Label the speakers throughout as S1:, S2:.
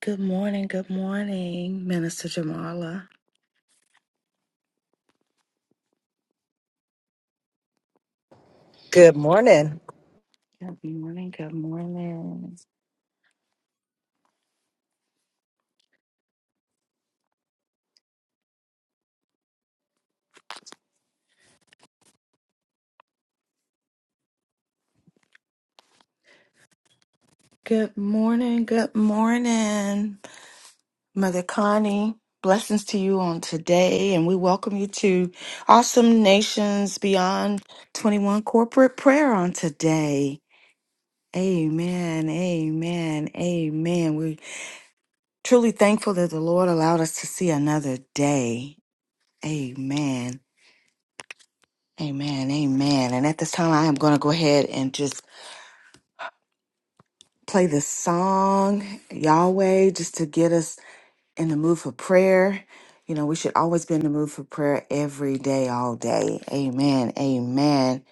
S1: Good morning, good morning, Minister Jamala.
S2: Good morning.
S1: Good morning, good morning. Good morning, good morning, Mother Connie. Blessings to you on today, and we welcome you to Awesome Nations Beyond 21 Corporate Prayer on today. Amen, amen, amen. We're truly thankful that the Lord allowed us to see another day. Amen. Amen. Amen. And at this time, I am going to go ahead and just play this song, Yahweh, just to get us in the mood for prayer. You know, we should always be in the mood for prayer every day, all day. Amen. Amen.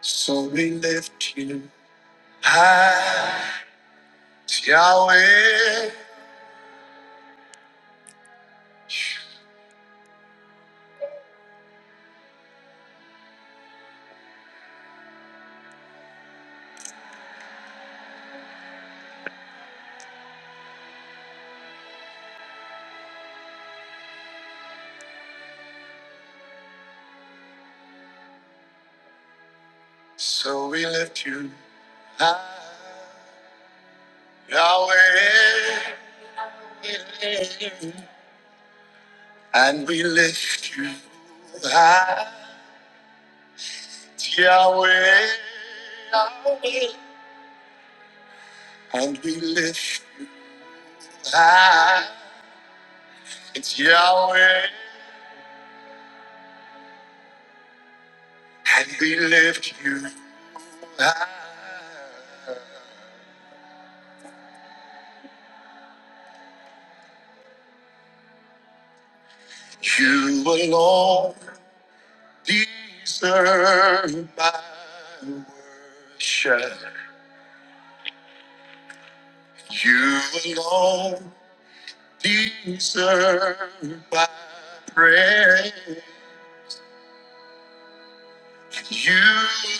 S1: So we lift you high, Yahweh. So we lift you high, Yahweh. And we lift you high, Yahweh. and we lift you high. It's Yahweh, and we lift you high. You alone deserve my worship. You alone deserve my praise. You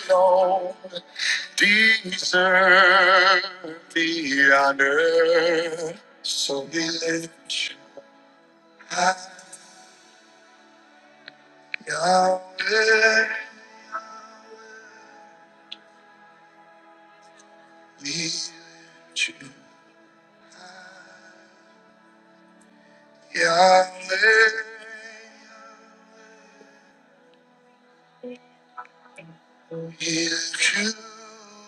S1: alone deserve the honor. So we lift you high, Yahweh. We lift you high, Yahweh. We lift you high,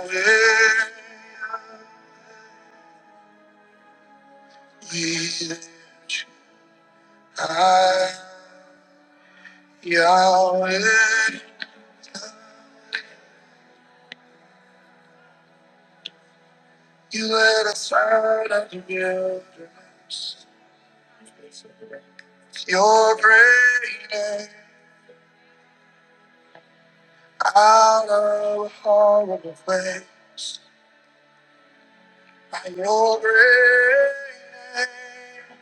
S1: Yahweh. We lift you high. Yahweh, you lit a fire under wilderness. your dress. You're breathing out of a horrible place. By your great name,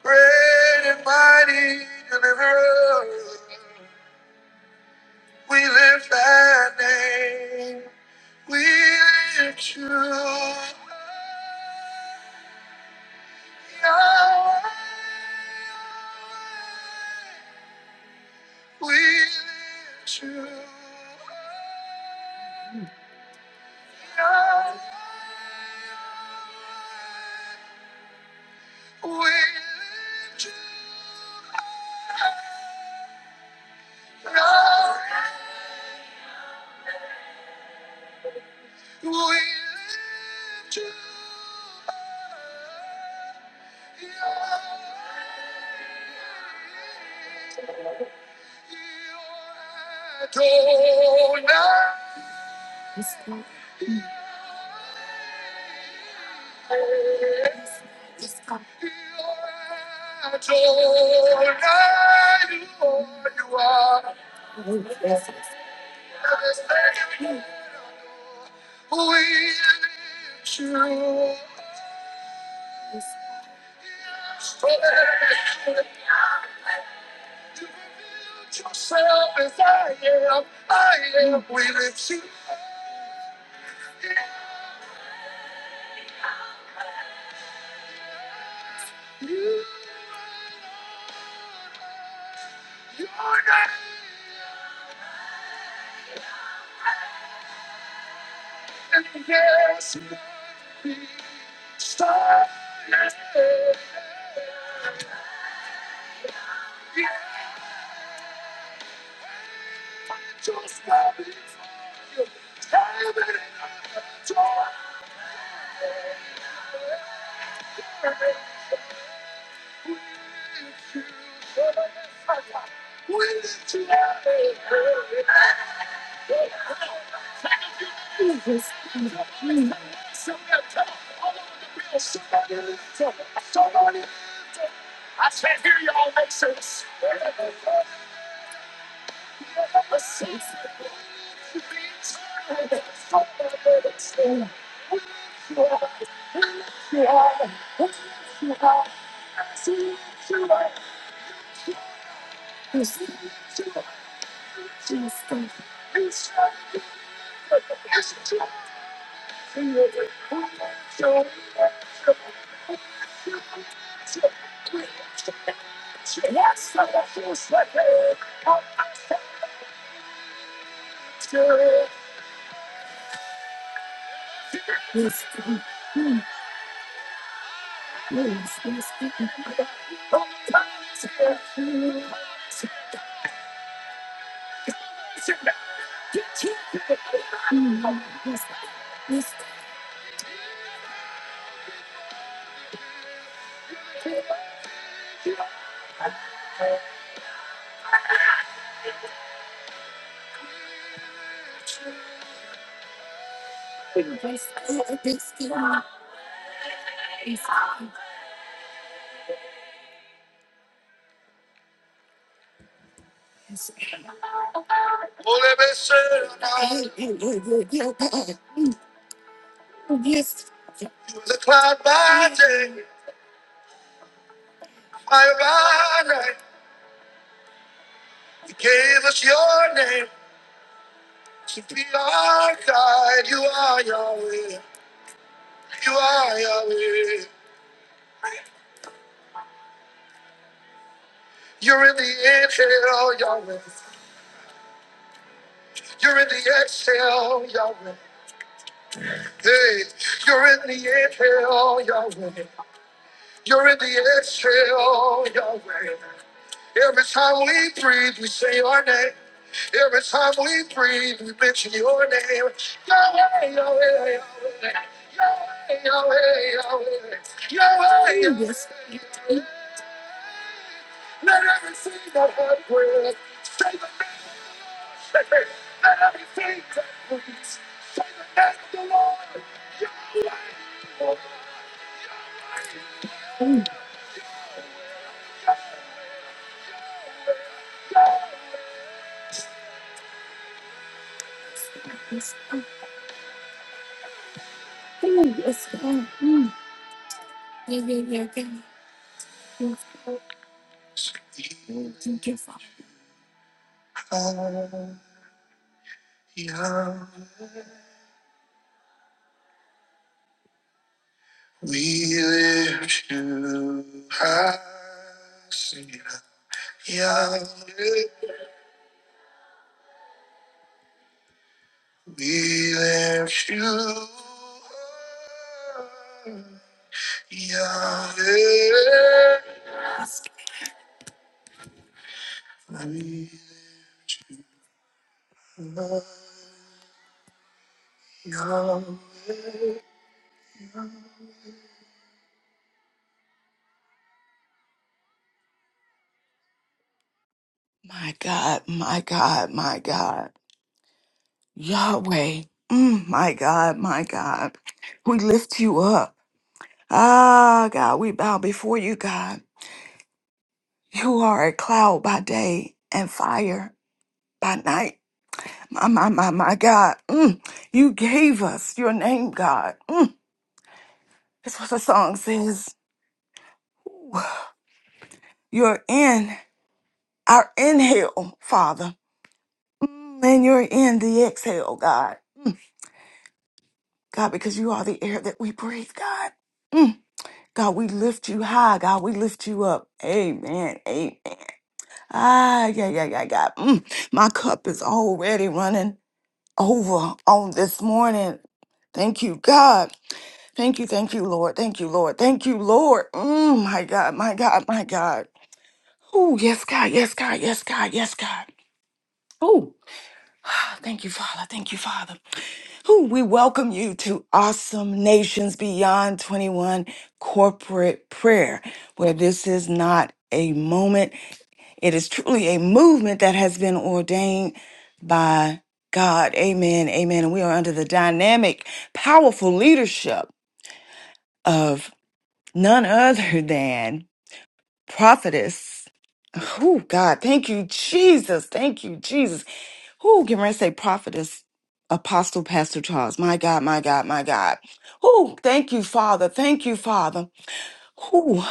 S1: great and mighty deliverer, we lift that name. We lift you. high. we lift you up. we lift you up. we lift you up. You're Adonai. I don't know who you are. We lived too fast. You built yourself, and I am willing to. Holy Spirit, you was a cloud by day, fire by night. You gave us your name to be our guide. You are Yahweh. You are Yahweh. You're in the inhale, Yahweh. You're in the exhale, Yahweh. Hey, you're in the inhale, Yahweh. You're in the exhale, Yahweh. Every time we breathe, we say your name. Every time we breathe, we mention your name. Yahweh, Yahweh, Yahweh. Yahweh, Yahweh, Yahweh. Yahweh. Yah- We lift you high. Sing it. Yahweh. We lift you high. Yahweh. My God, my God, my God. Yahweh, mm, my God, my God. We lift you up. Ah, God, we bow before you, God. You are a cloud by day and fire by night. My, my, my, my God. Mm, you gave us your name, God. Mm, that's what the song says. Ooh, You're in our inhale, Father. Mm, and you're in the exhale, God. God, because you are the air that we breathe, God. Mm. God, we lift you high. God, we lift you up. Amen. Amen. Ah, yeah, yeah, yeah, God. Mm. My cup is already running over on this morning. Thank you, God. Thank you, thank you, Lord. Thank you, Lord. Thank you, Lord. Mm, my God, my God, my God. Oh, yes, God, yes, God, yes, God, yes, God. Oh. Thank you, Father. Thank you, Father. Who we welcome you to Awesome Nations Beyond 21 corporate prayer, where this is not a moment. It is truly a movement that has been ordained by God. Amen. Amen. And we are under the dynamic, powerful leadership of none other than prophetess. Oh, God. Thank you, Jesus. Thank you, Jesus. Who can I say prophetess, apostle, pastor Charles? My God, my God, my God. Who? Thank you, Father. Thank you, Father. Who?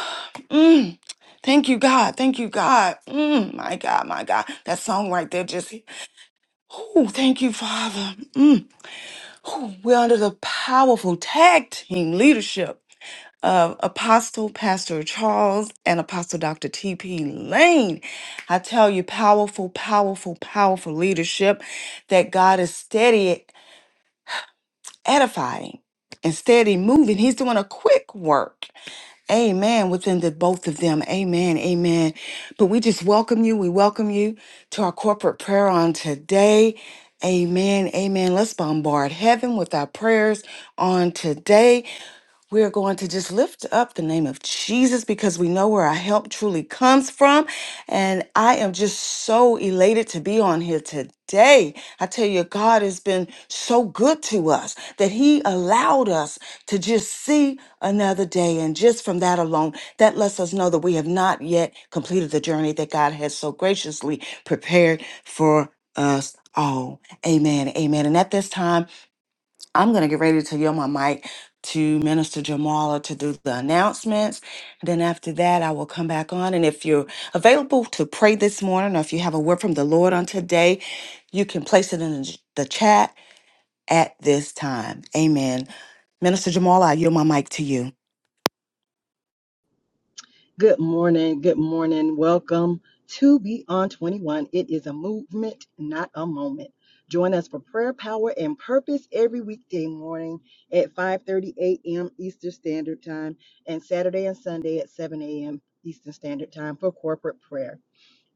S1: Mm. Thank you, God. Thank you, God. Mm. My God, my God. That song right there just. Who? Thank you, Father. Mm. Whew. We're under the powerful tag team leadership uh, Apostle Pastor Charles and Apostle Dr. T.P. Lane. I tell you, powerful, powerful, powerful leadership that God is steady edifying and steady moving. He's doing a quick work. Amen. Within the both of them. Amen. Amen. But we just welcome you. We welcome you to our corporate prayer on today. Amen. Amen. Let's bombard heaven with our prayers on today. We're going to just lift up the name of Jesus because we know where our help truly comes from. And I am just so elated to be on here today. I tell you, God has been so good to us that He allowed us to just see another day. And just from that alone, that lets us know that we have not yet completed the journey that God has so graciously prepared for us all. Amen. Amen. And at this time, I'm going to get ready to yell my mic to Minister Jamala to do the announcements. And then after that, I will come back on. And if you're available to pray this morning or if you have a word from the Lord on today, you can place it in the the chat at this time. Amen. Minister Jamala, I yield my mic to you.
S2: Good morning. Good morning. Welcome to Beyond 21. It is a movement, not a moment. Join us for prayer, power, and purpose every weekday morning at 5:30 a.m. Eastern Standard Time and Saturday and Sunday at 7 a.m. Eastern Standard Time for corporate prayer.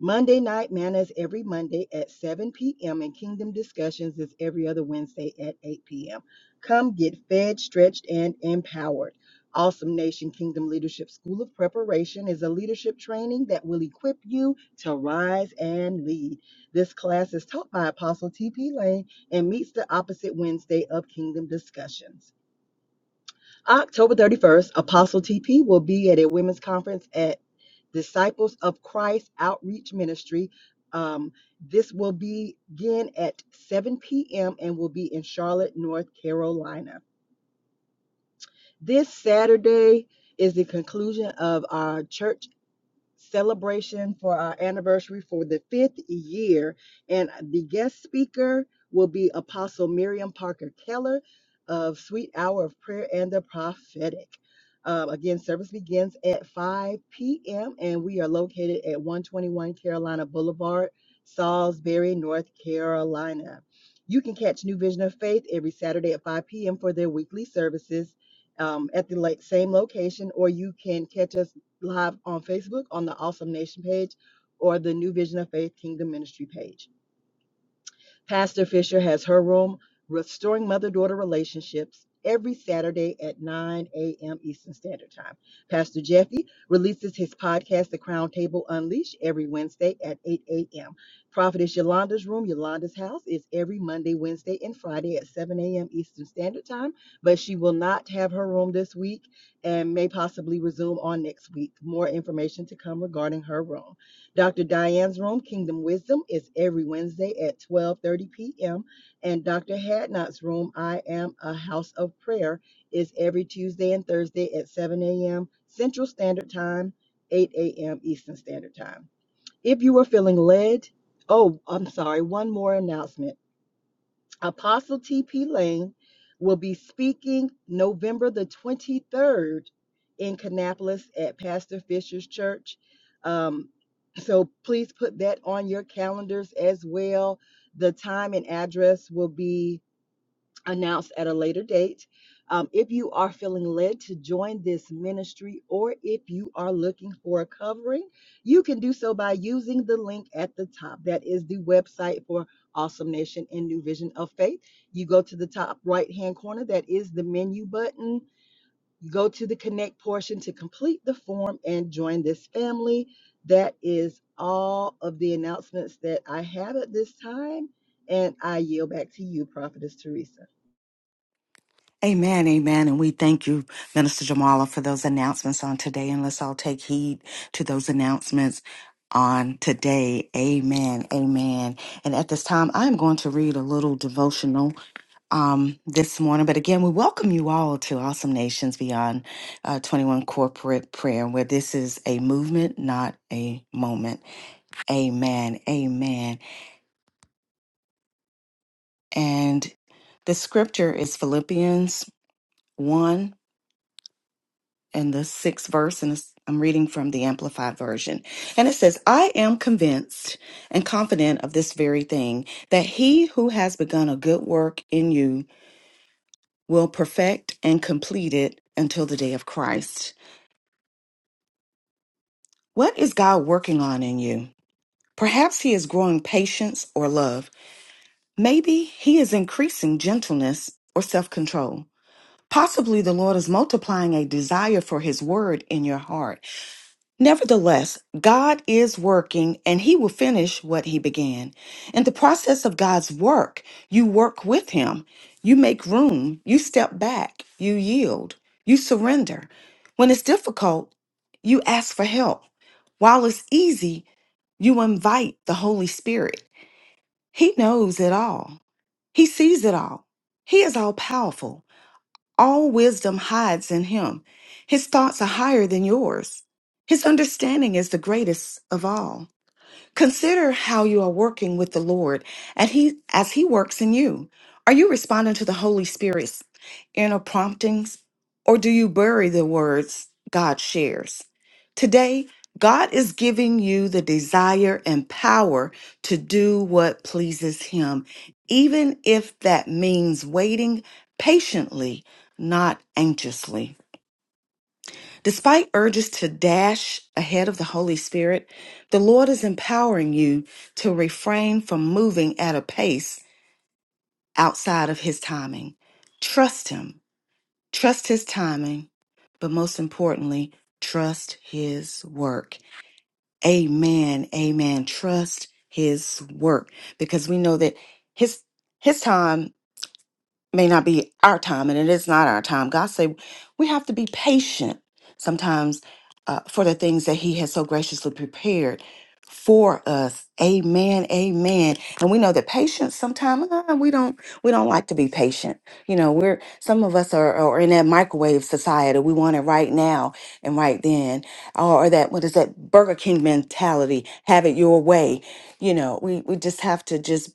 S2: Monday Night Manna is every Monday at 7 p.m., and Kingdom Discussions is every other Wednesday at 8 p.m. Come get fed, stretched, and empowered. Awesome Nation Kingdom Leadership School of Preparation is a leadership training that will equip you to rise and lead. This class is taught by Apostle T.P. Lane and meets the opposite Wednesday of Kingdom Discussions. October 31st, Apostle T.P. will be at a women's conference at Disciples of Christ Outreach Ministry. Um, this will begin at 7 p.m. and will be in Charlotte, North Carolina. This Saturday is the conclusion of our church celebration for our anniversary for the fifth year. And the guest speaker will be Apostle Miriam Parker Keller of Sweet Hour of Prayer and the Prophetic. Um, again, service begins at 5 p.m. and we are located at 121 Carolina Boulevard, Salisbury, North Carolina. You can catch New Vision of Faith every Saturday at 5 p.m. for their weekly services um, at the like, same location, or you can catch us live on Facebook on the Awesome Nation page or the New Vision of Faith Kingdom Ministry page. Pastor Fisher has her room, Restoring Mother Daughter Relationships, every Saturday at 9 a.m. Eastern Standard Time. Pastor Jeffy releases his podcast, The Crown Table Unleashed, every Wednesday at 8 a.m. Prophetess Yolanda's Room, Yolanda's House, is every Monday, Wednesday, and Friday at 7 a.m. Eastern Standard Time, but she will not have her room this week and may possibly resume on next week. More information to come regarding her room. Dr. Diane's room, Kingdom Wisdom, is every Wednesday at 12:30 p.m. and Dr. Hadnot's room, I Am a House of Prayer, is every Tuesday and Thursday at 7 a.m. Central Standard Time, 8 a.m. Eastern Standard Time. If you are feeling led, oh, I'm sorry, one more announcement. Apostle T.P. Lane will be speaking November the 23rd in Kannapolis at Pastor Fisher's Church. Um, so please put that on your calendars as well. The time and address will be announced at a later date. Um, if you are feeling led to join this ministry or if you are looking for a covering, you can do so by using the link at the top. That is the website for Awesome Nation and New Vision of Faith. You go to the top right hand corner, that is the menu button. You go to the connect portion to complete the form and join this family. That is all of the announcements that I have at this time. And I yield back to you, Prophetess Teresa.
S1: Amen, amen. And we thank you, Minister Jamala, for those announcements on today. And let's all take heed to those announcements on today. Amen, amen. And at this time, I'm going to read a little devotional um, this morning. But again, we welcome you all to Awesome Nations Beyond uh, 21 Corporate Prayer, where this is a movement, not a moment. Amen, amen. And the scripture is Philippians 1. in the sixth verse, and it's- I'm reading from the Amplified Version. And it says, I am convinced and confident of this very thing, that he who has begun a good work in you will perfect and complete it until the day of Christ. What is God working on in you? Perhaps he is growing patience or love. Maybe he is increasing gentleness or self control. Possibly the Lord is multiplying a desire for his word in your heart. Nevertheless, God is working and he will finish what he began. In the process of God's work, you work with him. You make room. You step back. You yield. You surrender. When it's difficult, you ask for help. While it's easy, you invite the Holy Spirit. He knows it all, He sees it all. He is all powerful. All wisdom hides in him. His thoughts are higher than yours. His understanding is the greatest of all. Consider how you are working with the Lord and he as he works in you. Are you responding to the Holy Spirit's inner promptings or do you bury the words God shares? Today, God is giving you the desire and power to do what pleases him, even if that means waiting patiently, not anxiously. Despite urges to dash ahead of the Holy Spirit, the Lord is empowering you to refrain from moving at a pace outside of His timing. Trust Him, trust His timing, but most importantly, trust His work. Amen, amen. Trust His work because we know that His His time may not be our time and it is not our time god say we have to be patient sometimes uh, for the things that he has so graciously prepared for us amen amen and we know that patience sometimes uh, we don't we don't like to be patient you know we're some of us are, are in that microwave society we want it right now and right then or or that what is that burger king mentality have it your way you know we we just have to just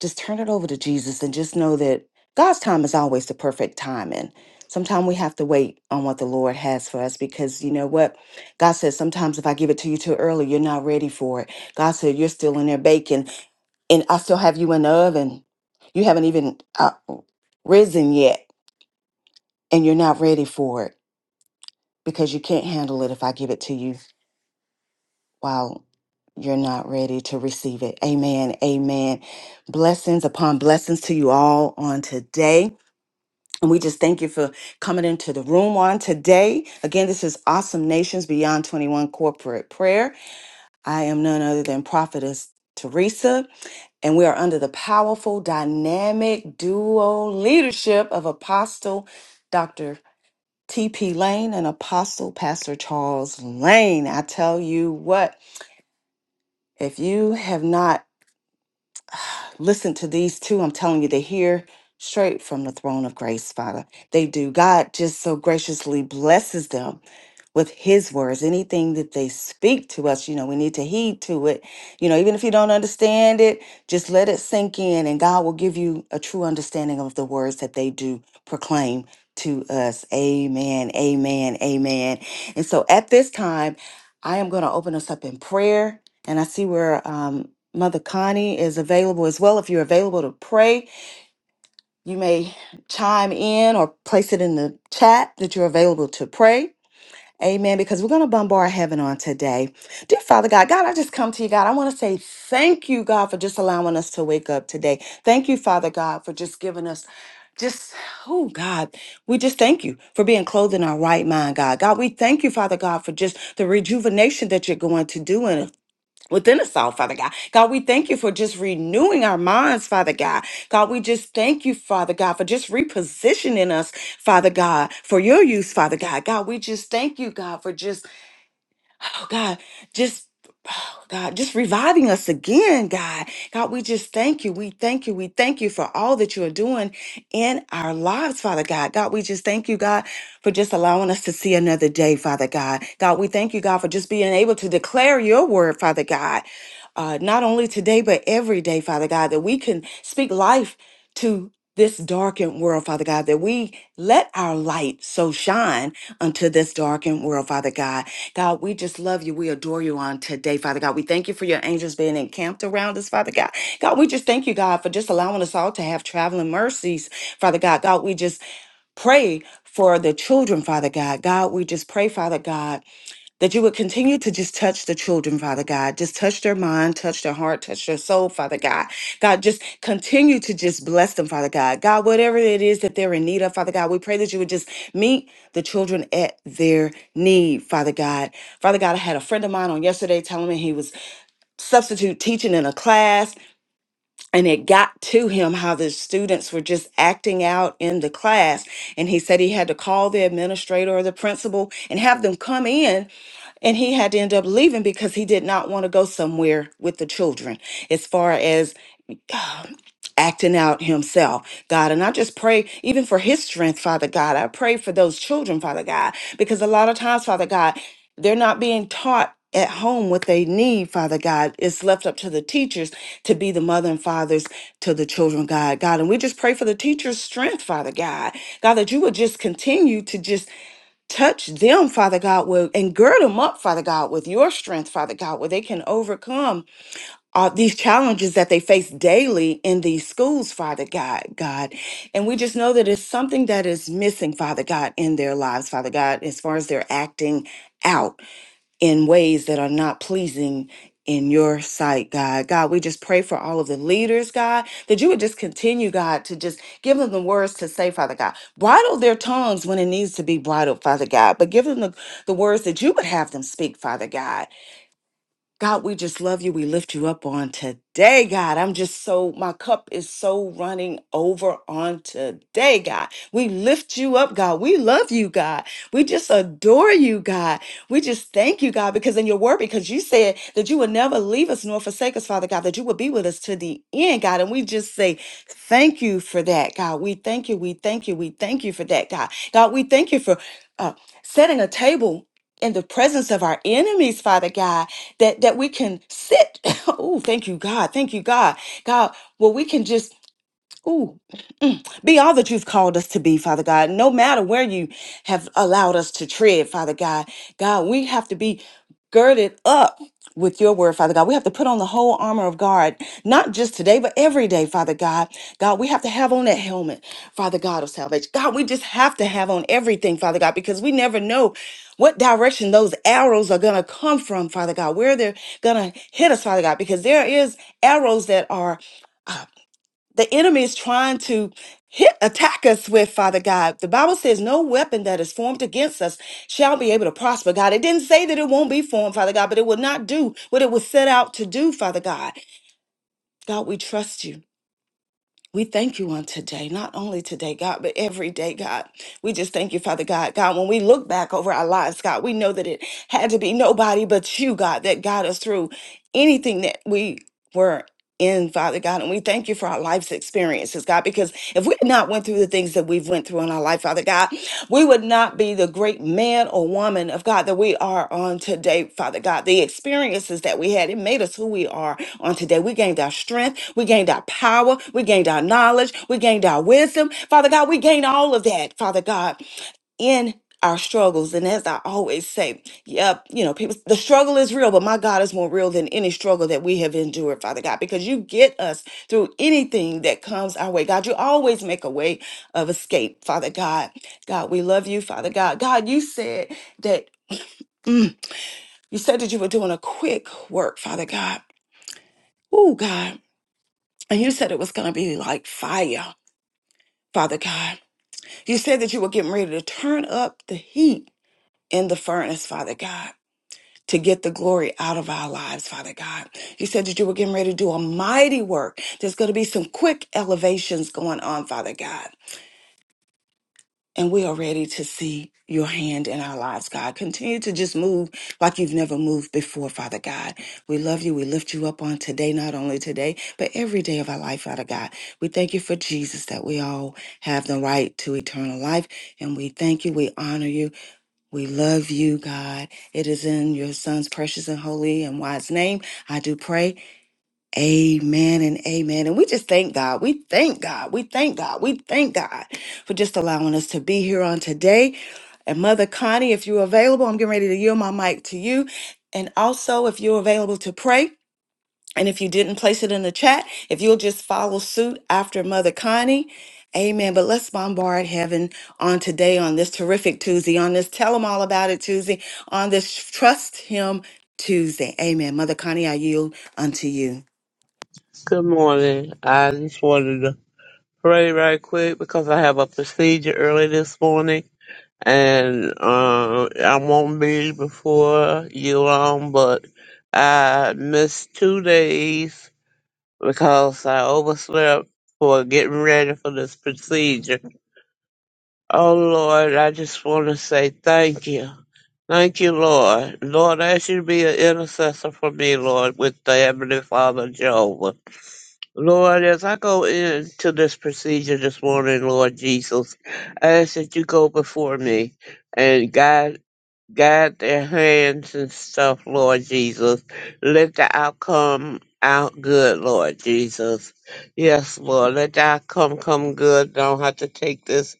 S1: just turn it over to Jesus and just know that God's time is always the perfect time. And sometimes we have to wait on what the Lord has for us because you know what? God says, sometimes if I give it to you too early, you're not ready for it. God said, you're still in there baking and I still have you in the oven. You haven't even uh, risen yet and you're not ready for it because you can't handle it if I give it to you while you're not ready to receive it. Amen. Amen. Blessings upon blessings to you all on today. And we just thank you for coming into the room on today. Again, this is Awesome Nations Beyond 21 Corporate Prayer. I am none other than Prophetess Teresa, and we are under the powerful, dynamic duo leadership of Apostle Dr. T.P. Lane and Apostle Pastor Charles Lane. I tell you what, if you have not Listen to these two. I'm telling you, they hear straight from the throne of grace, Father. They do. God just so graciously blesses them with his words. Anything that they speak to us, you know, we need to heed to it. You know, even if you don't understand it, just let it sink in and God will give you a true understanding of the words that they do proclaim to us. Amen. Amen. Amen. And so at this time, I am going to open us up in prayer and I see where um, Mother Connie is available as well. If you're available to pray, you may chime in or place it in the chat that you're available to pray. Amen. Because we're going to bombard heaven on today. Dear Father God, God, I just come to you, God. I want to say thank you, God, for just allowing us to wake up today. Thank you, Father God, for just giving us. Just, oh God, we just thank you for being clothed in our right mind, God. God, we thank you, Father God, for just the rejuvenation that you're going to do in us within us all, Father God. God, we thank you for just renewing our minds, Father God. God, we just thank you, Father God, for just repositioning us, Father God, for your use, Father God. God, we just thank you, God, for just oh God, just oh God, just reviving us again, God. God, we just thank you. We thank you. We thank you for all that you are doing in our lives, Father God. God, we just thank you, God, for just allowing us to see another day, Father God. God, we thank you, God, for just being able to declare your word, Father God. Uh, not only today, but every day, Father God, that we can speak life to this darkened world, Father God, that we let our light so shine unto this darkened world, Father God. God, we just love you. We adore you on today, Father God. We thank you for your angels being encamped around us, Father God. God, we just thank you, God, for just allowing us all to have traveling mercies, Father God. God, we just pray for the children, Father God. God, we just pray, Father God that you would continue to just touch the children, Father God. Just touch their mind, touch their heart, touch their soul, Father God. God, just continue to just bless them, Father God. God, whatever it is that they're in need of, Father God, we pray that you would just meet the children at their need, Father God. Father God, I had a friend of mine on yesterday telling me he was substitute teaching in a class and it got to him how the students were just acting out in the class and he said he had to call the administrator or the principal and have them come in and he had to end up leaving because he did not want to go somewhere with the children as far as um, acting out himself, God. And I just pray even for his strength, Father God. I pray for those children, Father God, because a lot of times, Father God, they're not being taught at home what they need, Father God. It's left up to the teachers to be the mother and fathers to the children, God. God, and we just pray for the teacher's strength, Father God. God, that you would just continue to just touch them, Father God, with, and gird them up, Father God, with your strength, Father God, where they can overcome uh, these challenges that they face daily in these schools, Father God, God. And we just know that it's something that is missing, Father God, in their lives, Father God, as far as their acting out in ways that are not pleasing in your sight, God. God, we just pray for all of the leaders, God, that you would just continue, God, to just give them the words to say, Father God. Bridle their tongues when it needs to be bridled, Father God, but give them the, the words that you would have them speak, Father God. God, we just love you. We lift you up on today, God. I'm just so, my cup is so running over on today, God. We lift you up, God. We love you, God. We just adore you, God. We just thank you, God, because in your word, because you said that you would never leave us nor forsake us, Father God, that you would be with us to the end, God. And we just say thank you for that, God. We thank you. We thank you. We thank you for that, God. God, we thank you for uh, setting a table in the presence of our enemies, Father God that that we can sit. oh, thank you, God. Thank you, God. God, well, we can just Ooh, mm. be all that you've called us to be, Father God, no matter where you have allowed us to tread, Father God. God, we have to be girded up with your word, Father God. We have to put on the whole armor of God, not just today, but every day, Father God. God, we have to have on that helmet, Father God of salvation. God, we just have to have on everything, Father God, because we never know what direction those arrows are going to come from, Father God, where they're going to hit us, Father God, because there is arrows that are. uh, the enemy is trying to hit attack us with father god the bible says no weapon that is formed against us shall be able to prosper god it didn't say that it won't be formed father god but it will not do what it was set out to do father god god we trust you we thank you on today, not only today, God, but every day, God. We just thank you, Father God. God, when we look back over our lives, God, we know that it had to be nobody but you, God, that got us through anything that we were in, Father God. And we thank you for our life's experiences, God, because if we had not went through the things that we've went through in our life, Father God, we would not be the great man or woman of God that we are on today, Father God. The experiences that we had, it made us who we are on today. We gained our strength, we gained our power, we gained our knowledge, we gained our wisdom. Father God, we gained all of that, Father God in our struggles. And as I always say, yep, you know, people, the struggle is real, but my God is more real than any struggle that we have endured, Father God, because you get us through anything that comes our way. God, you always make a way of escape, Father God. God, we love you, Father God. God, you said that mm, you said that you were doing a quick work, Father God. Oh, God. And you said it was going to be like fire, Father God. You said that you were getting ready to turn up the heat in the furnace, Father God. To get the glory out of our lives, Father God. You said that you were getting ready to do a mighty work. There's going to be some quick elevations going on, Father God. And we are ready to see your hand in our lives, God. Continue to just move like you've never moved before, Father God. We love you. We lift you up on today, not only today, but every day of our life, Father God. We thank you for Jesus, that we all have the right to eternal life. And we thank you. We honor you. We love you, God. It is in your Son's precious and holy and wise name. I do pray. Amen and amen. And we just thank God. We thank God. We thank God. We thank God for just allowing us to be here on today. And Mother Connie, if you're available, I'm getting ready to yield my mic to you. And also, if you're available to pray, and if you didn't place it in the chat, if you'll just follow suit after Mother Connie. Amen. But let's bombard heaven on today, on this terrific Tuesday, on this tell Tell 'em All About It Tuesday, on this Trust Him Tuesday. Amen. Mother Connie, I yield unto you.
S3: Good morning. I just wanted to pray right quick because I have a procedure early this morning and uh, I won't be before you long, but I missed two days because I overslept for getting ready for this procedure. Oh Lord, I just want to say thank you. Thank you, Lord. Lord, I ask you to be an intercessor for me, Lord, with the Heavenly Father Jehovah. Lord, as I go into this procedure this morning, Lord Jesus, I ask that you go before me and guide guide their hands and stuff, Lord Jesus. Let the outcome out good, Lord Jesus. Yes, Lord, let the outcome come good. Don't have to take this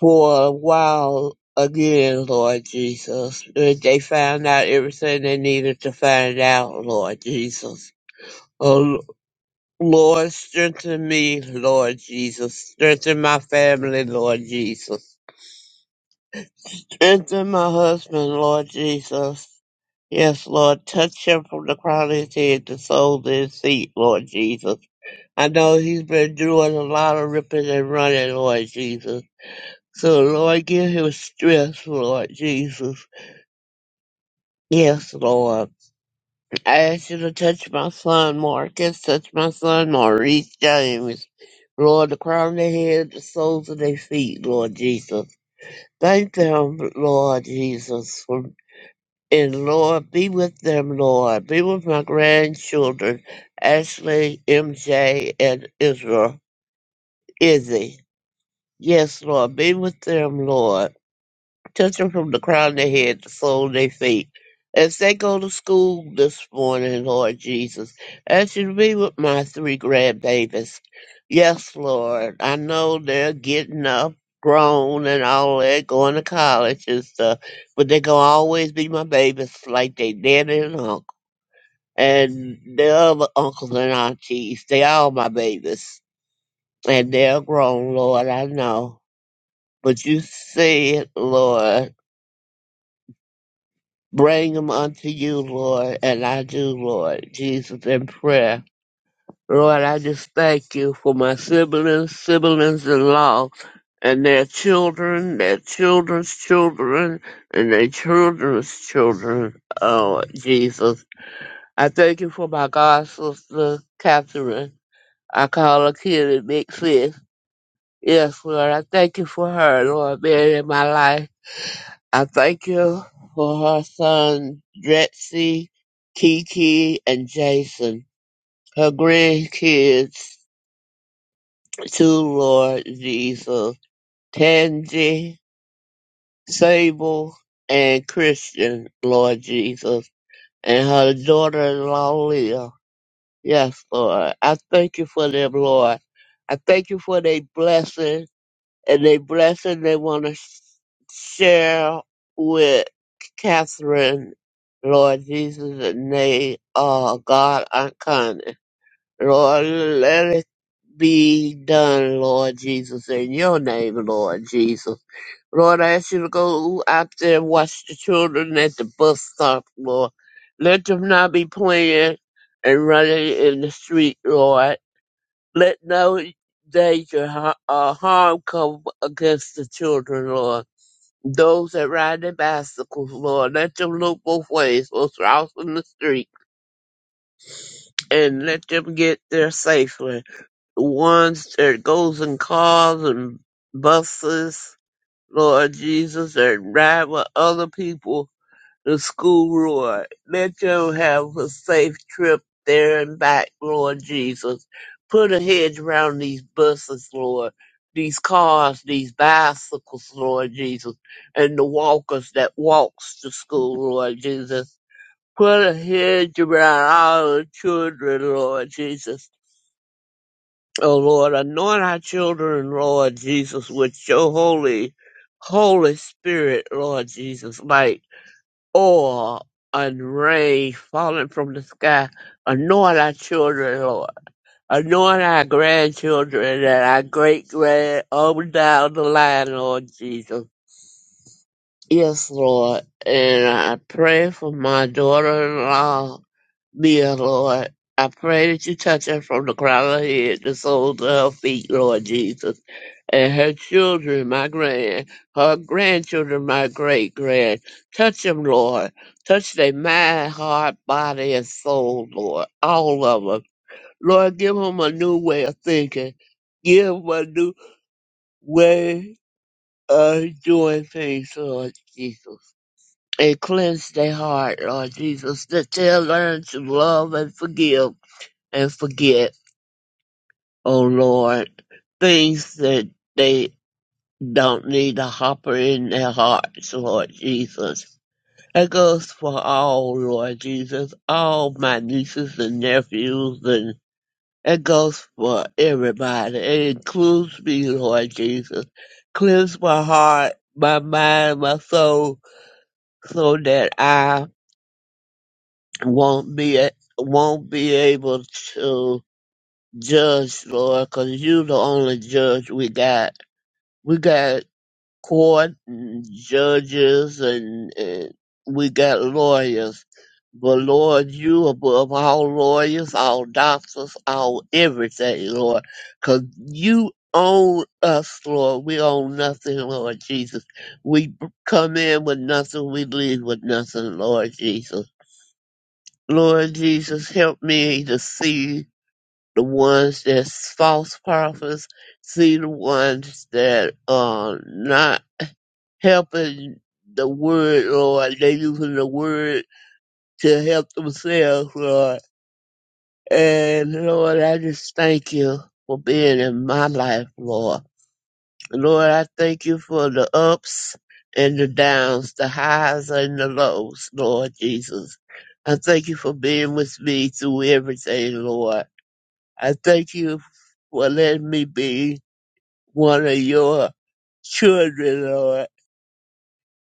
S3: for a while again, Lord Jesus. That They found out everything they needed to find out, Lord Jesus. Oh, Lord, strengthen me, Lord Jesus. Strengthen my family, Lord Jesus. Strengthen my husband, Lord Jesus. Yes, Lord, touch him from the crown of his head to the soles of his feet, Lord Jesus. I know he's been doing a lot of ripping and running, Lord Jesus. So, Lord, give him strength, Lord Jesus. Yes, Lord. I asked you to touch my son Marcus, touch my son Maurice James. Lord, the crown of their head, the soles of their feet, Lord Jesus. Thank them, Lord Jesus. for- And Lord, be with them, Lord. Be with my grandchildren, Ashley, MJ, and Israel, Izzy. Yes, Lord, be with them, Lord. Touch them from the crown of their head to the sole of their feet. As they go to school this morning, Lord Jesus, as you to be with my three grandbabies. Yes, Lord, I know they're getting up, grown, and all that, going to college and stuff, but they're going to always be my babies like they daddy and uncle. And their other uncles and aunties, they all my babies. And they're grown, Lord, I know. But you see it, Lord. Bring them unto you, Lord, and I do, Lord Jesus, in prayer. Lord, I just thank you for my siblings, siblings in law, and their children, their children's children, and their children's children. Oh, Jesus. I thank you for my god sister, Catherine. I call her Kitty Big Sis. Yes, Lord, I thank you for her, Lord, being in my life. I thank you for her son, Dretsy, Kiki, and Jason, her grandkids, too, Lord Jesus, Tangi, Sable, and Christian, Lord Jesus, and her daughter-in-law, Leah. Yes, Lord. I thank you for them, Lord. I thank you for their blessing. and a blessing they want to sh- share with Catherine, Lord Jesus, and they, are God, Uncommon. Lord, let it be done, Lord Jesus, in your name, Lord Jesus. Lord, I ask you to go out there and watch the children at the bus stop, Lord. Let them not be playing and running in the street, Lord let no danger ha- or harm come against the children, Lord. Those that ride their bicycles, Lord, let them look both ways, both out in the street, and let them get there safely. The ones that goes in cars and buses, Lord Jesus, that ride with other people, the school, Lord. Let them have a safe trip there and back, Lord Jesus. Put a hedge around these buses, Lord, these cars, these bicycles, Lord Jesus, and the walkers that walks to school, Lord Jesus. Put a hedge around all the children, Lord Jesus. Oh Lord, anoint our children, Lord Jesus, with your holy, holy spirit, Lord Jesus, light oil and rain falling from the sky. Anoint our children, Lord. Anoint our grandchildren and our great grand over down the line, Lord Jesus. Yes, Lord. And I pray for my daughter in law, Mia, Lord. I pray that you touch her from the crown of her head to the soles of her feet, Lord Jesus and her children, my grand, her grandchildren, my great grand. Touch them, Lord. Touch their mind, heart, body, and soul, Lord. All of them. Lord, give them a new way of thinking. Give them a new way of doing things, Lord Jesus. And cleanse their heart, Lord Jesus, that they'll learn to love and forgive and forget, oh Lord, things that they Don't need a hopper in their hearts, Lord Jesus. That goes for all, Lord Jesus, all my nieces and nephews, and it goes for everybody. It includes me, Lord Jesus. Cleanse my heart, my mind, my soul, so that I won't be won't be able to judge, Lord, 'cause you the only judge we got. We got court and judges and, and we got lawyers. But Lord, you above all lawyers, all doctors, all everything, Lord, 'cause you own us, Lord. We own nothing, Lord Jesus. We b- come in with nothing, we leave with nothing, Lord Jesus. Lord Jesus, help me to see the ones that's false prophets, see the ones that are not helping the word, Lord. They're using the word to help themselves, Lord. And Lord, I just thank you for being in my life, Lord. Lord, I thank you for the ups and the downs, the highs and the lows, Lord Jesus. I thank you for being with me through everything, Lord. I thank you for letting me be one of your children, Lord.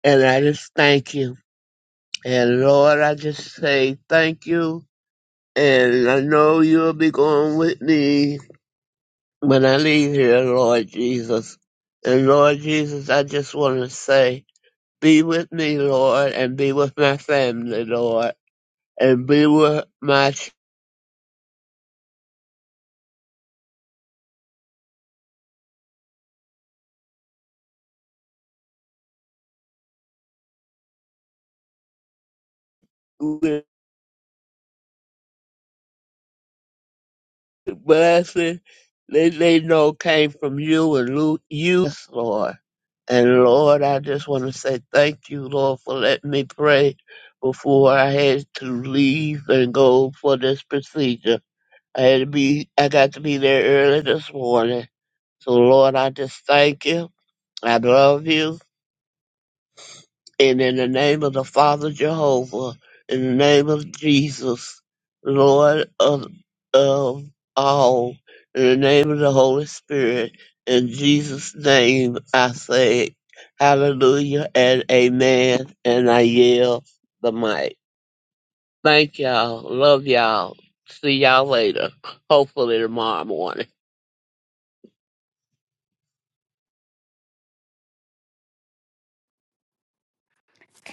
S3: And I just thank you. And Lord, I just say thank you. And I know you'll be going with me when I leave here, Lord Jesus. And Lord Jesus, I just want to say, be with me, Lord, and be with my family, Lord, and be with my children. blessing that they know came from you and Lu- you, yes, Lord. And Lord, I just want to say thank you, Lord, for letting me pray before I had to leave and go for this procedure. I had to be, I got to be there early this morning. So Lord, I just thank you. I love you. And in the name of the Father Jehovah, in the name of Jesus, Lord of, of all, in the name of the Holy Spirit, in Jesus' name I say hallelujah and amen, and I yell the mic. Thank y'all. Love y'all. See y'all later. Hopefully tomorrow morning.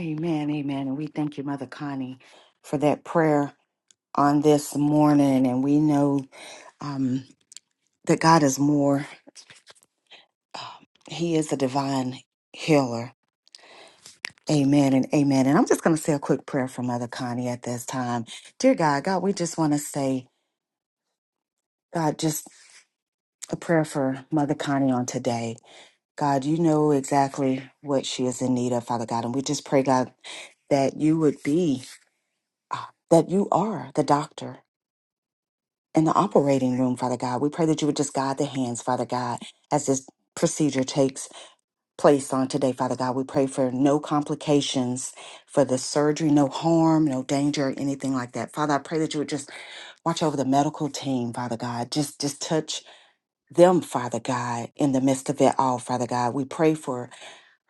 S1: Amen, amen. And we thank you, Mother Connie, for that prayer on this morning. And we know um, that God is more, um, He is a divine healer. Amen and amen. And I'm just going to say a quick prayer for Mother Connie at this time. Dear God, God, we just want to say, God, just a prayer for Mother Connie on today. God, you know exactly what she is in need of, Father God. And we just pray, God, that you would be, uh, that you are the doctor in the operating room, Father God. We pray that you would just guide the hands, Father God, as this procedure takes place on today, Father God. We pray for no complications for the surgery, no harm, no danger, or anything like that. Father, I pray that you would just watch over the medical team, Father God. Just just touch them, Father God, in the midst of it all, Father God. We pray for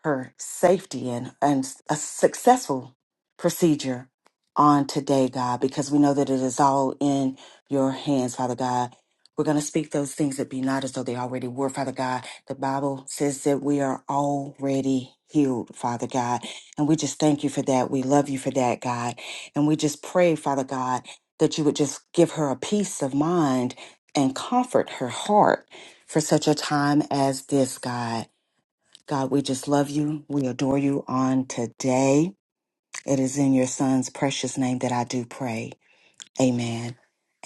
S1: her safety and, and a successful procedure on today, God, because we know that it is all in your hands, Father God. We're going to speak those things that be not as though they already were, Father God. The Bible says that we are already healed, Father God. And we just thank you for that. We love you for that, God. And we just pray, Father God, that you would just give her a peace of mind and comfort her heart for such a time as this, God. God, we just love you. We adore you on today. It is in your son's precious name that I do pray. Amen.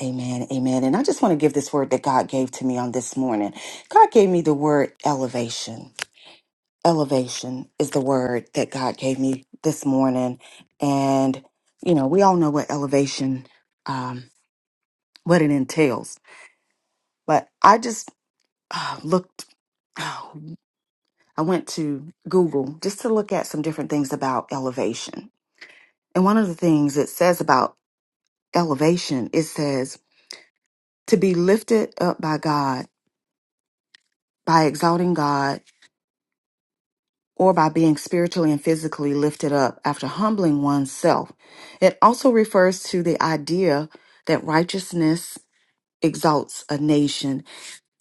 S1: Amen. Amen. And I just want to give this word that God gave to me on this morning. God gave me the word elevation. Elevation is the word that God gave me this morning. And, you know, we all know what elevation, um, what it entails. But I just uh, looked, I went to Google just to look at some different things about elevation And one of the things it says about elevation, it says to be lifted up by God, by exalting God, or by being spiritually and physically lifted up after humbling oneself. It also refers to the idea that righteousness exalts a nation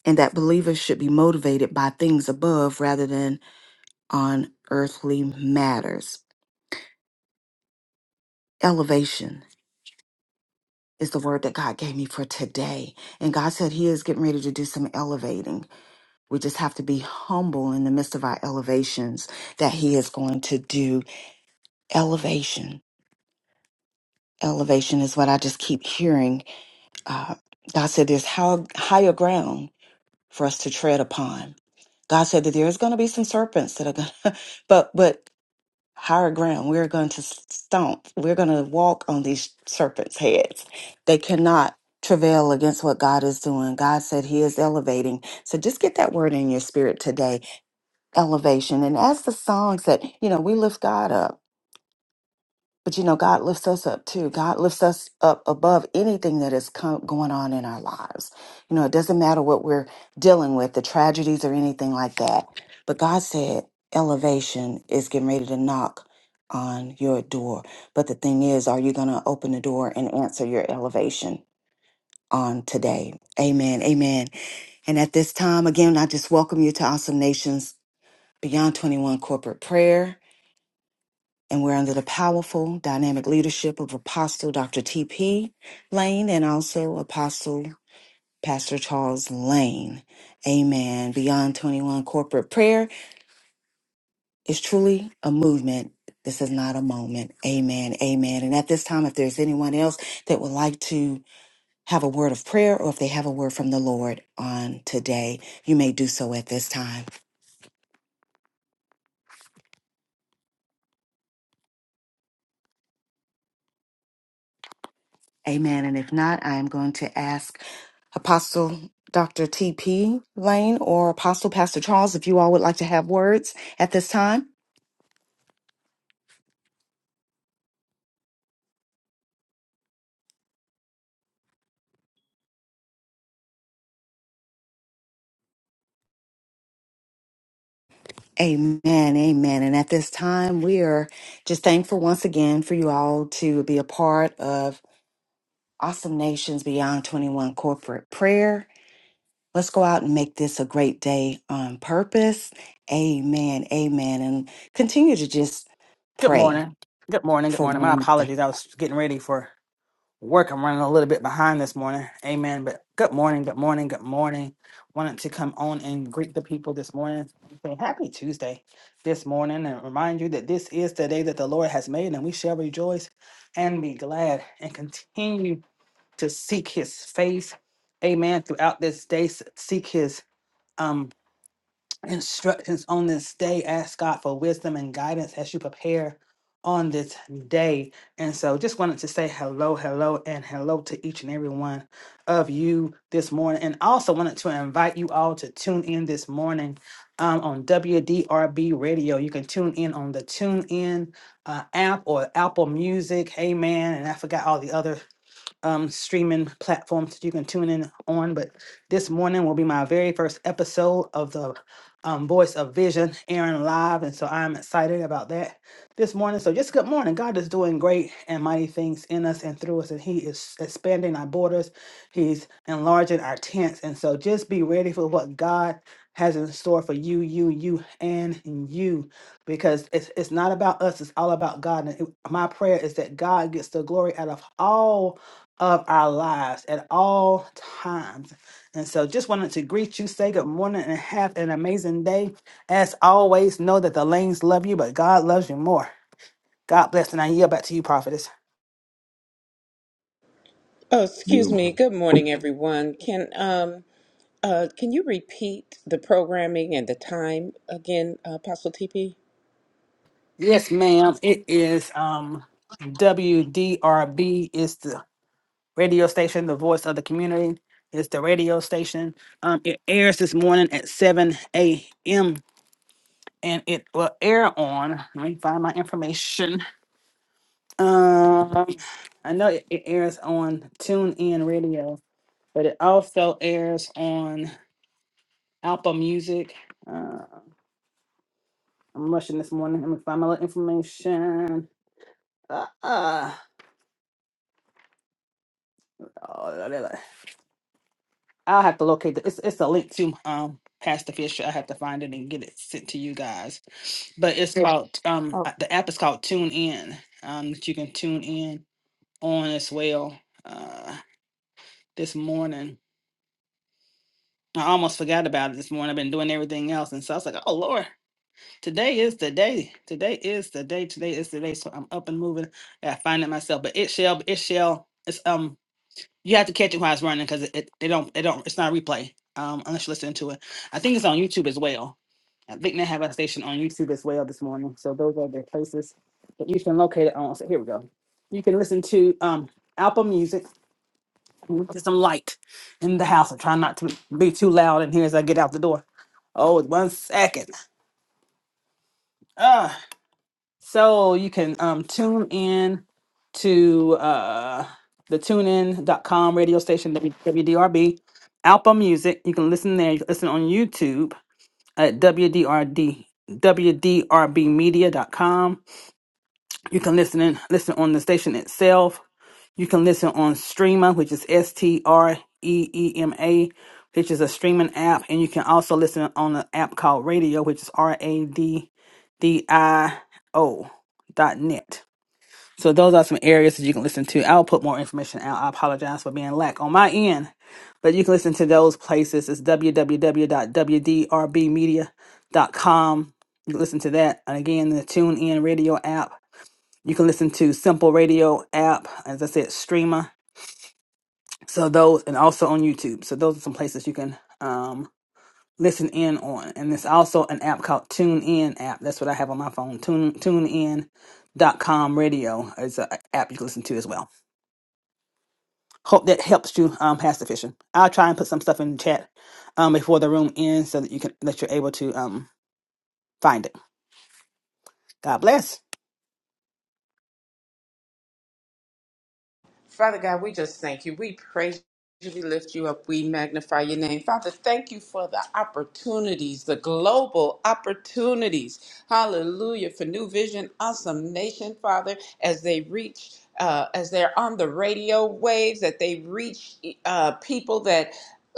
S1: and that believers should be motivated by things above rather than on earthly matters. Elevation is the word that God gave me for today. And God said He is getting ready to do some elevating. We just have to be humble in the midst of our elevations that He is going to do elevation. Elevation is what I just keep hearing. Uh, God said there's how, higher ground for us to tread upon. God said that there is going to be some serpents that are going to, but, but higher ground, we're going to stomp. We're going to walk on these serpents' heads. They cannot travail against what God is doing. God said He is elevating. So just get that word in your spirit today elevation. And as the song said, you know, we lift God up, but you know, God lifts us up too. God lifts us up above anything that is com- going on in our lives. You know, it doesn't matter what we're dealing with, the tragedies or anything like that. But God said elevation is getting ready to knock on your door. But the thing is, are you going to open the door and answer your elevation? On today. Amen. Amen. And at this time, again, I just welcome you to Awesome Nations Beyond 21 Corporate Prayer. and we're under the powerful, dynamic leadership of Apostle Dr. T.P. Lane and also Apostle Pastor Charles Lane. Amen. Beyond 21 corporate prayer is truly a movement. This is not a moment. Amen. Amen. And at this time, if there's anyone else that would like to have a word of prayer or if they have a word from the Lord on today, you may do so at this time. Amen. And if not, I'm going to ask Apostle Dr. T.P. Lane or Apostle Pastor Charles if you all would like to have words at this time. Amen. Amen. And at this time, we are just thankful once again for you all to be a part of Awesome Nations Beyond 21 corporate prayer. Let's go out and make this a great day on purpose. Amen. Amen. And continue to just
S4: Good
S1: pray
S4: morning. Good morning. Good
S1: for
S4: morning.
S1: one
S4: My
S1: another.
S4: apologies. I was getting ready for work. I'm running a little bit behind this morning. Amen. But good morning. Good morning. Good morning. Wanted to come on and greet the people this morning. Say happy Tuesday this morning and remind you that this is the day that the Lord has made and we shall rejoice and be glad and continue to seek his face. Amen. Throughout this day, s- seek his um, instructions on this day. Ask God for wisdom and guidance as you prepare on this day. And so just wanted to say hello, hello, and hello to each and every one of you this morning. And also wanted to invite you all to tune in this morning um, on WDRB radio. You can tune in on the Tune In uh, app or Apple Music. Amen. And I forgot all the other um, streaming platforms that you can tune in on. But this morning will be my very first episode of the um, Voice of Vision, airing live, and so I'm excited about that this morning. So just good morning. God is doing great and mighty things in us and through us, and He is expanding our borders. He's enlarging our tents, and so just be ready for what God has in store for you, you, you, and you, because it's it's not about us. It's all about God. And it- my prayer is that God gets the glory out of all of our lives at all times. And so just wanted to greet you, say good morning, and have an amazing day. As always, know that the lanes love you, but God loves you more. God bless, and I yield back to you, prophetess.
S5: Oh, excuse
S6: Good.
S5: me. Good morning, everyone. Can um uh can you repeat the programming and the time again, Apostle TP?
S4: Yes, ma'am. It is um WDRB is the radio station, the voice of the community. It's the radio station. Um, it airs this morning at 7 a.m. and it will air on. Let me find my information. Um, I know it, it airs on TuneIn Radio, but it also airs on Apple Music. Uh, I'm rushing this morning. Let me find my little information. Uh, uh, oh, la, la, la. I'll have to locate the, it's it's a link to um Pastor Fisher. I have to find it and get it sent to you guys. But it's Okay. called um
S5: Oh,
S4: uh, the app is called TuneIn um that you can tune in on as well uh this morning. I almost forgot about it this morning. I've been doing everything else. And so I was like, oh, Lord, today is the day. Today is the day. Today is the day. So I'm up and moving. I find it myself. But it shall, it shall, it's, um, you have to catch it while it's running because it, it, they don't, they don't, it's not replay um, unless you listen to it. I think it's on YouTube as well. I think they have a station on YouTube as well this morning. So those are the places that you can locate it on. So here we go. You can listen to um, Apple Music. Get some light in the house. I'm trying not to be too loud in here as I get out the door. Oh, one second. Ah, so you can um, tune in to uh, the tunein.com radio station, W- WDRB, Alpha Music. You can listen there. You can listen on YouTube at WDRD. WDRBmedia.com. You can listen in, listen on the station itself You can listen on Streama, which is S T R E E M A, which is a streaming app, and you can also listen on an app called Radio, which is R A D D I O dot net. So those are some areas that you can listen to. I'll put more information out. I apologize for being lack on my end, but you can listen to those places. It's w w w dot w d r b media dot com. You can listen to that, and again, the TuneIn Radio app. You can listen to Simple Radio app, as I said, Streamer. So those, and also on YouTube. So those are some places you can um, listen in on. And there's also an app called TuneIn app. That's what I have on my phone. Tune TuneIn dot com radio is an app you can listen to as well. Hope that helps you um, pass the fishing. I'll try and put some stuff in the chat um, before the room ends so that you can that you're able to um, find it. God bless.
S5: Father God, we just thank you. We praise you. We lift you up. We magnify your name. Father, thank you for the opportunities, the global opportunities. Hallelujah. For New Vision, Awesome Nation, Father, as they reach. Uh, as they're on the radio waves, that they reach e, uh, people that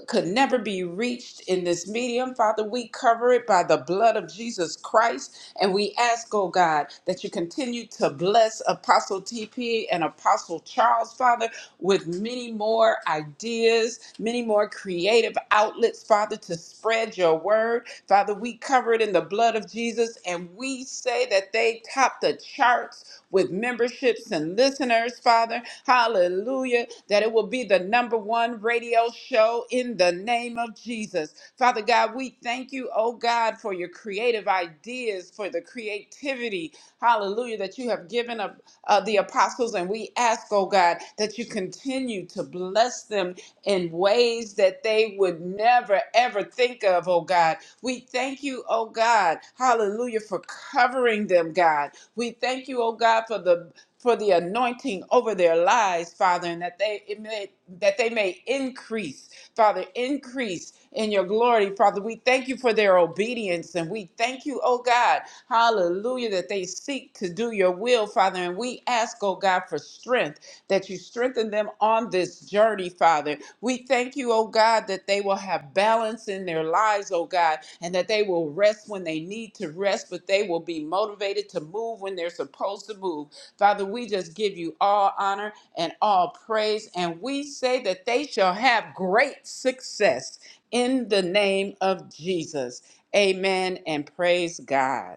S5: could never be reached in this medium. Father, we cover it by the blood of Jesus Christ. And we ask, oh God, that you continue to bless Apostle TP and Apostle Charles, Father, with many more ideas, many more creative outlets, Father, to spread your word. Father, we cover it in the blood of Jesus. And we say that they top the charts with memberships and listeners, Father. Hallelujah. That it will be the number one radio show in the name of Jesus. Father God, we thank you, oh God, for your creative ideas, for the creativity, hallelujah, that you have given up uh, the apostles. And we ask, oh God, that you continue to bless them in ways that they would never, ever think of, oh God. We thank you, oh God, hallelujah, for covering them, God. We thank you, oh God, for the for the anointing over their lives, Father, and that they it may, that they may increase, Father, increase in your glory, Father. We thank you for their obedience, and we thank you, oh God, Hallelujah, that they seek to do your will, Father. And we ask, oh God, for strength that you strengthen them on this journey, Father. We thank you, oh God, that they will have balance in their lives, oh God, and that they will rest when they need to rest, but they will be motivated to move when they're supposed to move. Father, we just give you all honor and all praise, and we say that they shall have great success in the name of Jesus. Amen and praise God.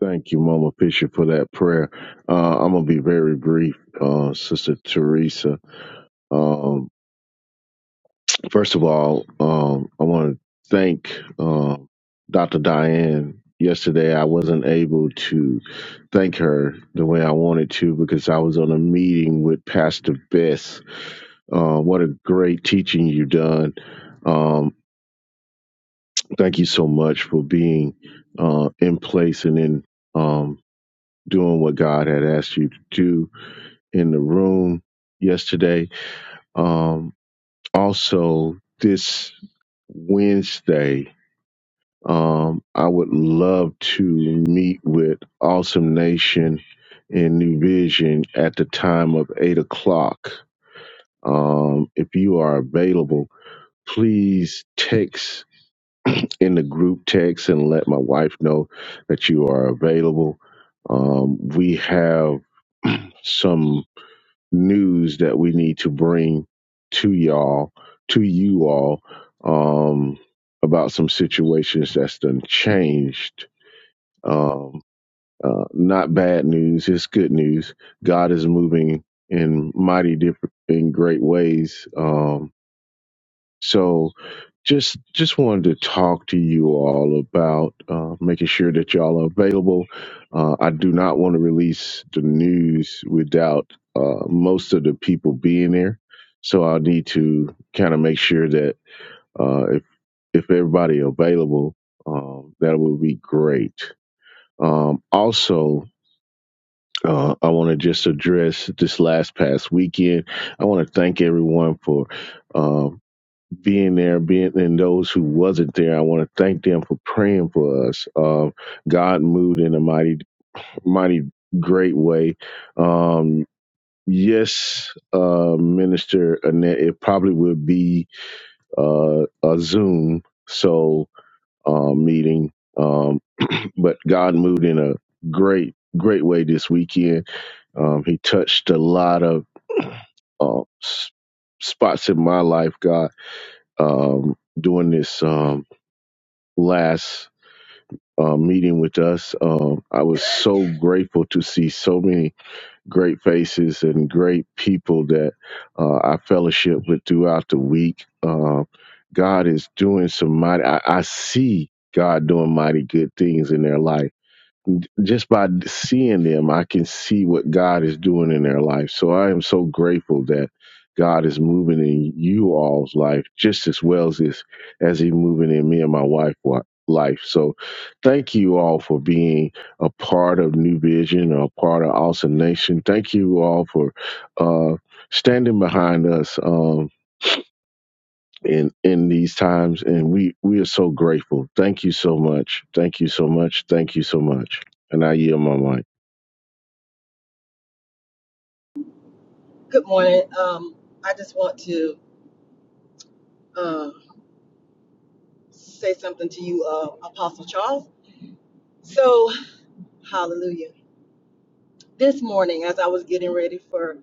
S6: Thank you, Mama Fisher, for that prayer. Uh, I'm gonna be very brief, uh, Sister Teresa. Um, first of all, um, I want to thank uh, Dr. Diane. Yesterday, I wasn't able to thank her the way I wanted to because I was on a meeting with Pastor Bess. Uh, what a great teaching you done! Um, thank you so much for being uh, in place and in. Um, doing what God had asked you to do in the room yesterday. Um, also, this Wednesday, um, I would love to meet with Awesome Nation and New Vision at the time of 8 o'clock. Um, if you are available, please text in the group text and let my wife know that you are available. Um, we have some news that we need to bring to y'all, to you all, um, about some situations that's done changed. Um, uh, not bad news, it's good news. God is moving in mighty different, in great ways. Um, so, just just wanted to talk to you all about uh, making sure that y'all are available. Uh, I do not want to release the news without uh, most of the people being there, so I'll need to kind of make sure that uh, if if everybody available, um, that would be great. Um, also. Uh, I want to just address this last past weekend. I want to thank everyone for um, being there, being and those who wasn't there, I want to thank them for praying for us. Um, God moved in a mighty, mighty great way. Um, yes, uh, Minister Annette, it probably would be uh, a Zoom so uh, meeting, um, but God moved in a great, great way this weekend. Um, he touched a lot of uh, s- spots in my life, God, um, doing this um, last uh, meeting with us. Um, I was so grateful to see so many great faces and great people that uh, I fellowship with throughout the week. Uh, God is doing some mighty, I, I see God doing mighty good things in their life just by seeing them, I can see what God is doing in their life. So I am so grateful that God is moving in you all's life just as well as this, as He moving in me and my wife wa- life. So thank you all for being a part of New Vision, a part of Awesome Nation. Thank you all for uh, standing behind us. Um, in in these times and we we are so grateful thank you so much thank you so much thank you so much and i yield my mic
S2: Good morning. Um, I just want to um, say something to you, uh, Apostle Charles. So, hallelujah. This morning, as I was getting ready for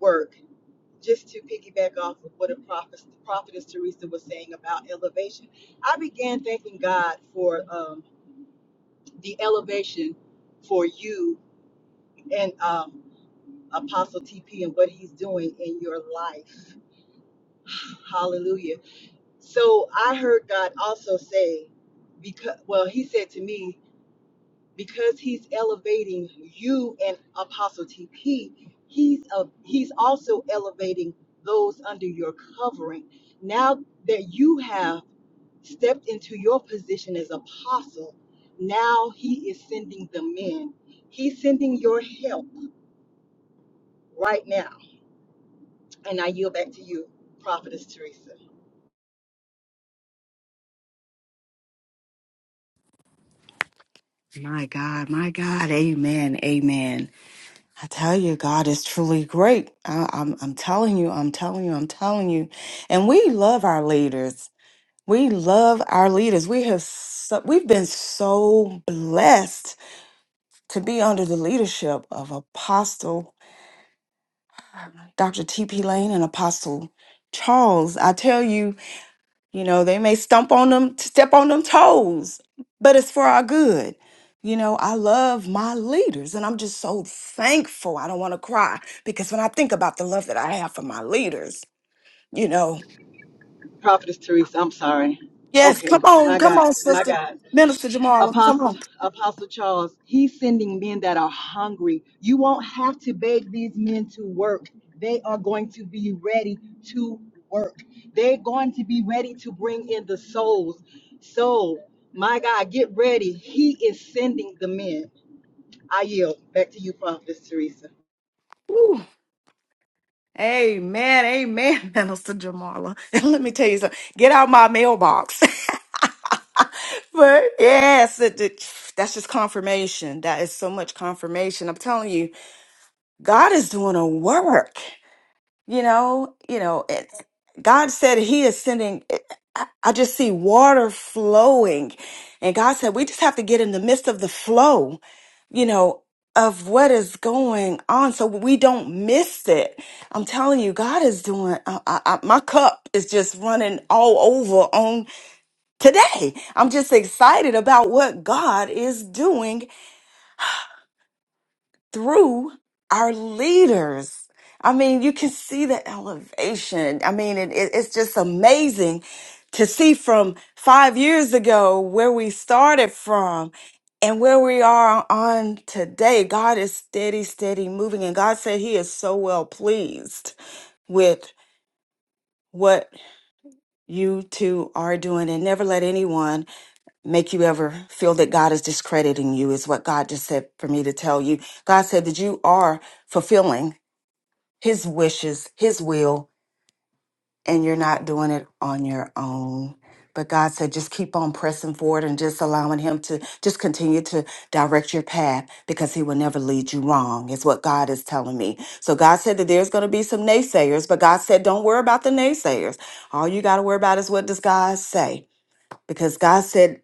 S2: work, just to piggyback off of what a prophet, prophetess Teresa was saying about elevation, I began thanking God for um, the elevation for you and um, Apostle TP and what he's doing in your life. Hallelujah. So I heard God also say, because well, He said to me, because He's elevating you and Apostle TP, He's a, He's also elevating those under your covering. Now that you have stepped into your position as apostle, now He is sending the men. He's sending your help right now. And I yield back to you, Prophetess Teresa.
S1: My God, my God, amen, amen. I tell you, God is truly great. I, I'm, I'm telling you, I'm telling you, I'm telling you. And we love our leaders. We love our leaders. We have, so, we've been so blessed to be under the leadership of Apostle Dr. T.P. Lane and Apostle Charles. I tell you, You know, they may stump on them, step on them toes, but it's for our good. You know, I love my leaders and I'm just so thankful. I don't want to cry because when I think about the love that I have for my leaders, you know,
S2: Prophetess Teresa, I'm sorry.
S1: yes, come
S2: Okay,
S1: on,
S2: my
S1: come
S2: God,
S1: on,
S2: my
S1: Sister
S2: God.
S1: Minister Jamala, come
S2: Apostle
S1: on.
S2: Apostle Charles, he's sending men that are hungry. You won't have to beg these men to work. They are going to be ready to work. They're going to be ready to bring in the souls. So, my God, get ready. He is sending the men. I yield back to you, Prophet Teresa.
S1: Woo. Amen, amen, Minister Jamala. And let me tell you something get out my mailbox. but yes, it, it- that's just confirmation. That is so much confirmation. I'm telling you God is doing a work, you know, you know, it, God said he is sending, eh, I, I just see water flowing. And God said, we just have to get in the midst of the flow, you know, of what is going on so we don't miss it. I'm telling you, God is doing, I, I, I- my cup is just running all over on today. I'm just excited about what God is doing through our leaders. I mean, you can see the elevation. I mean, it, it- it's just amazing to see from five years ago where we started from and where we are on today. God is steady, steady moving. And God said He is so well pleased with what you two are doing. And never let anyone make you ever feel that God is discrediting you, is what God just said for me to tell you. God said that you are fulfilling his wishes, his will, and you're not doing it on your own. But God said, just keep on pressing forward and just allowing him to just continue to direct your path because he will never lead you wrong, is what God is telling me. So God said that there's going to be some naysayers, but God said, don't worry about the naysayers. All you got to worry about is what does God say? Because God said,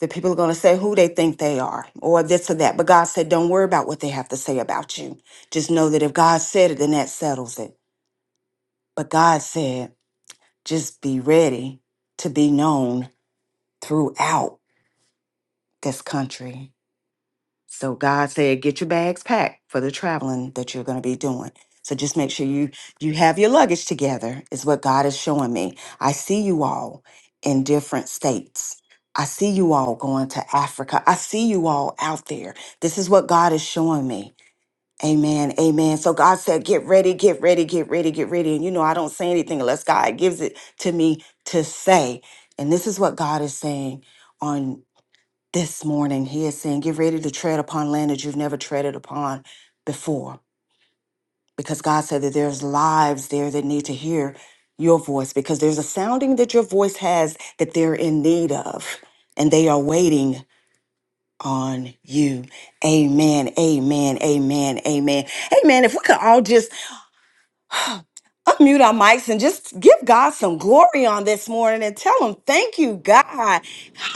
S1: that people are going to say who they think they are or this or that. But God said, don't worry about what they have to say about you. Just know that if God said it, then that settles it. But God said, just be ready to be known throughout this country. So God said, get your bags packed for the traveling that you're going to be doing. So just make sure you you have your luggage together is what God is showing me. I see you all in different states. I see you all going to Africa. I see you all out there. This is what God is showing me. Amen. Amen. So God said, get ready, get ready, get ready, get ready. And you know, I don't say anything unless God gives it to me to say. And this is what God is saying on this morning. He is saying, get ready to tread upon land that you've never treaded upon before. Because God said that there's lives there that need to hear your voice because there's a sounding that your voice has that they're in need of and they are waiting on you. Amen. Amen. Amen. Amen. Amen. if we could all just unmute our mics and just give God some glory on this morning and tell him thank you, God.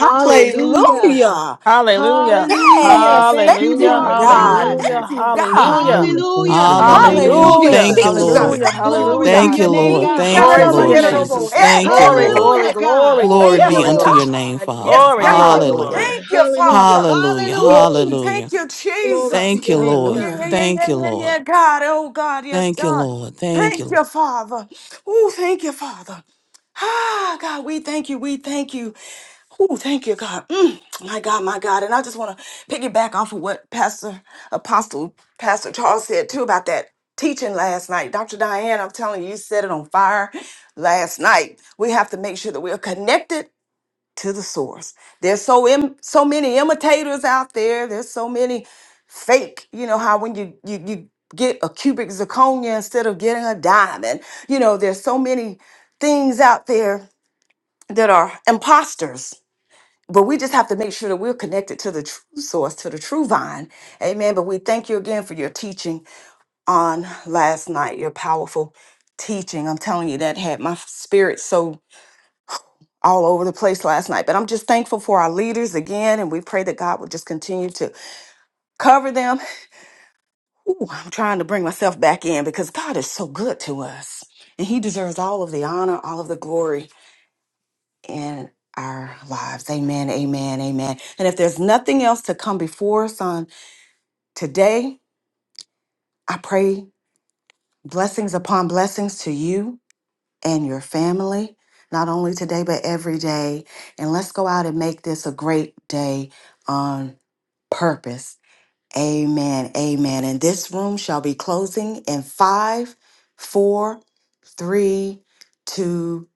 S2: Hallelujah.
S4: Hallelujah.
S2: Hallelujah. Thank you,
S4: Hallelujah.
S2: Lord God.
S6: Hallelujah.
S4: Hallelujah. Hallelujah.
S7: Hallelujah. Thank you,
S2: Hallelujah.
S7: Lord.
S2: Thank you,
S8: Hallelujah.
S7: Thank you,
S4: Hallelujah.
S8: Thank
S7: Father.
S8: you,
S2: Jesus.
S8: Lord.
S4: Hallelujah.
S7: Hallelujah.
S2: Glory
S4: Hallelujah.
S2: to
S8: Thank you,
S2: your
S4: Thank you,
S2: name,
S8: Lord.
S4: Lord.
S2: God.
S1: He can
S8: Thank
S1: it
S8: you,
S4: Glory to
S1: over,
S8: Lord
S4: your
S1: get it
S2: Hallelujah.
S4: name,
S1: over.
S8: Jesus.
S1: Hey,
S4: Jesus.
S8: Thank
S1: hey,
S8: you,
S4: Glory,
S1: hey,
S8: Lord.
S4: glory,
S2: Hallelujah,
S1: hey.
S2: God.
S4: glory,
S1: Ooh,
S8: Glory
S4: glory,
S2: Thank you,
S8: be
S1: yes,
S4: glory,
S8: unto
S4: glory.
S2: Lord.
S8: your name,
S1: God. Yes,
S8: Father.
S4: Glory,
S2: Thank
S1: God.
S2: you,
S4: glory,
S2: Lord
S4: glory.
S8: Hallelujah.
S2: God.
S1: Thank you,
S2: Hallelujah.
S1: Father.
S8: Hallelujah.
S2: Hallelujah,
S1: Ooh,
S2: Jesus.
S1: thank
S8: Hallelujah.
S1: you,
S2: Glory to
S1: Jesus.
S8: Thank
S2: your
S8: you,
S2: name,
S8: Lord.
S1: Yeah,
S2: God.
S1: yeah,
S9: Hallelujah.
S1: yeah,
S8: Thank
S1: yeah,
S8: you,
S1: yeah, yeah,
S8: Lord.
S1: God. Oh, God. Yes,
S8: Thank you,
S1: God.
S8: Lord. Thank you,
S1: Thank
S8: Lord.
S1: you, Father. Ooh, thank you, Father. Ah, God, we thank you. We thank you. Ooh, thank you, God. Mm, my God, my God. And I just want to piggyback off of what Pastor Apostle Pastor Charles said too about that teaching last night. Dr. Diane, I'm telling you, you set it on fire last night. We have to make sure that we're connected to the source. There's so Im- so many imitators out there. There's so many fake. You know how when you you you get a cubic zirconia instead of getting a diamond. You know, there's so many things out there that are imposters. But we just have to make sure that we're connected to the true source, to the true vine. Amen. But we thank you again for your teaching on last night, your powerful teaching. I'm telling you, that had my spirit so all over the place last night. But I'm just thankful for our leaders again. And we pray that God will just continue to cover them. Ooh, I'm trying to bring myself back in because God is so good to us. And He deserves all of the honor, all of the glory. in our lives. Amen, amen, amen. And if there's nothing else to come before us on today, I pray blessings upon blessings to you and your family, not only today, but every day. And let's go out and make this a great day on purpose. Amen, amen. And this room shall be closing in five, four, three, two,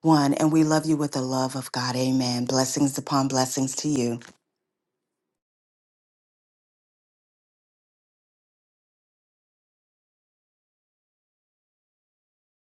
S1: one. And we love you with the love of God. Amen. Blessings upon blessings to you.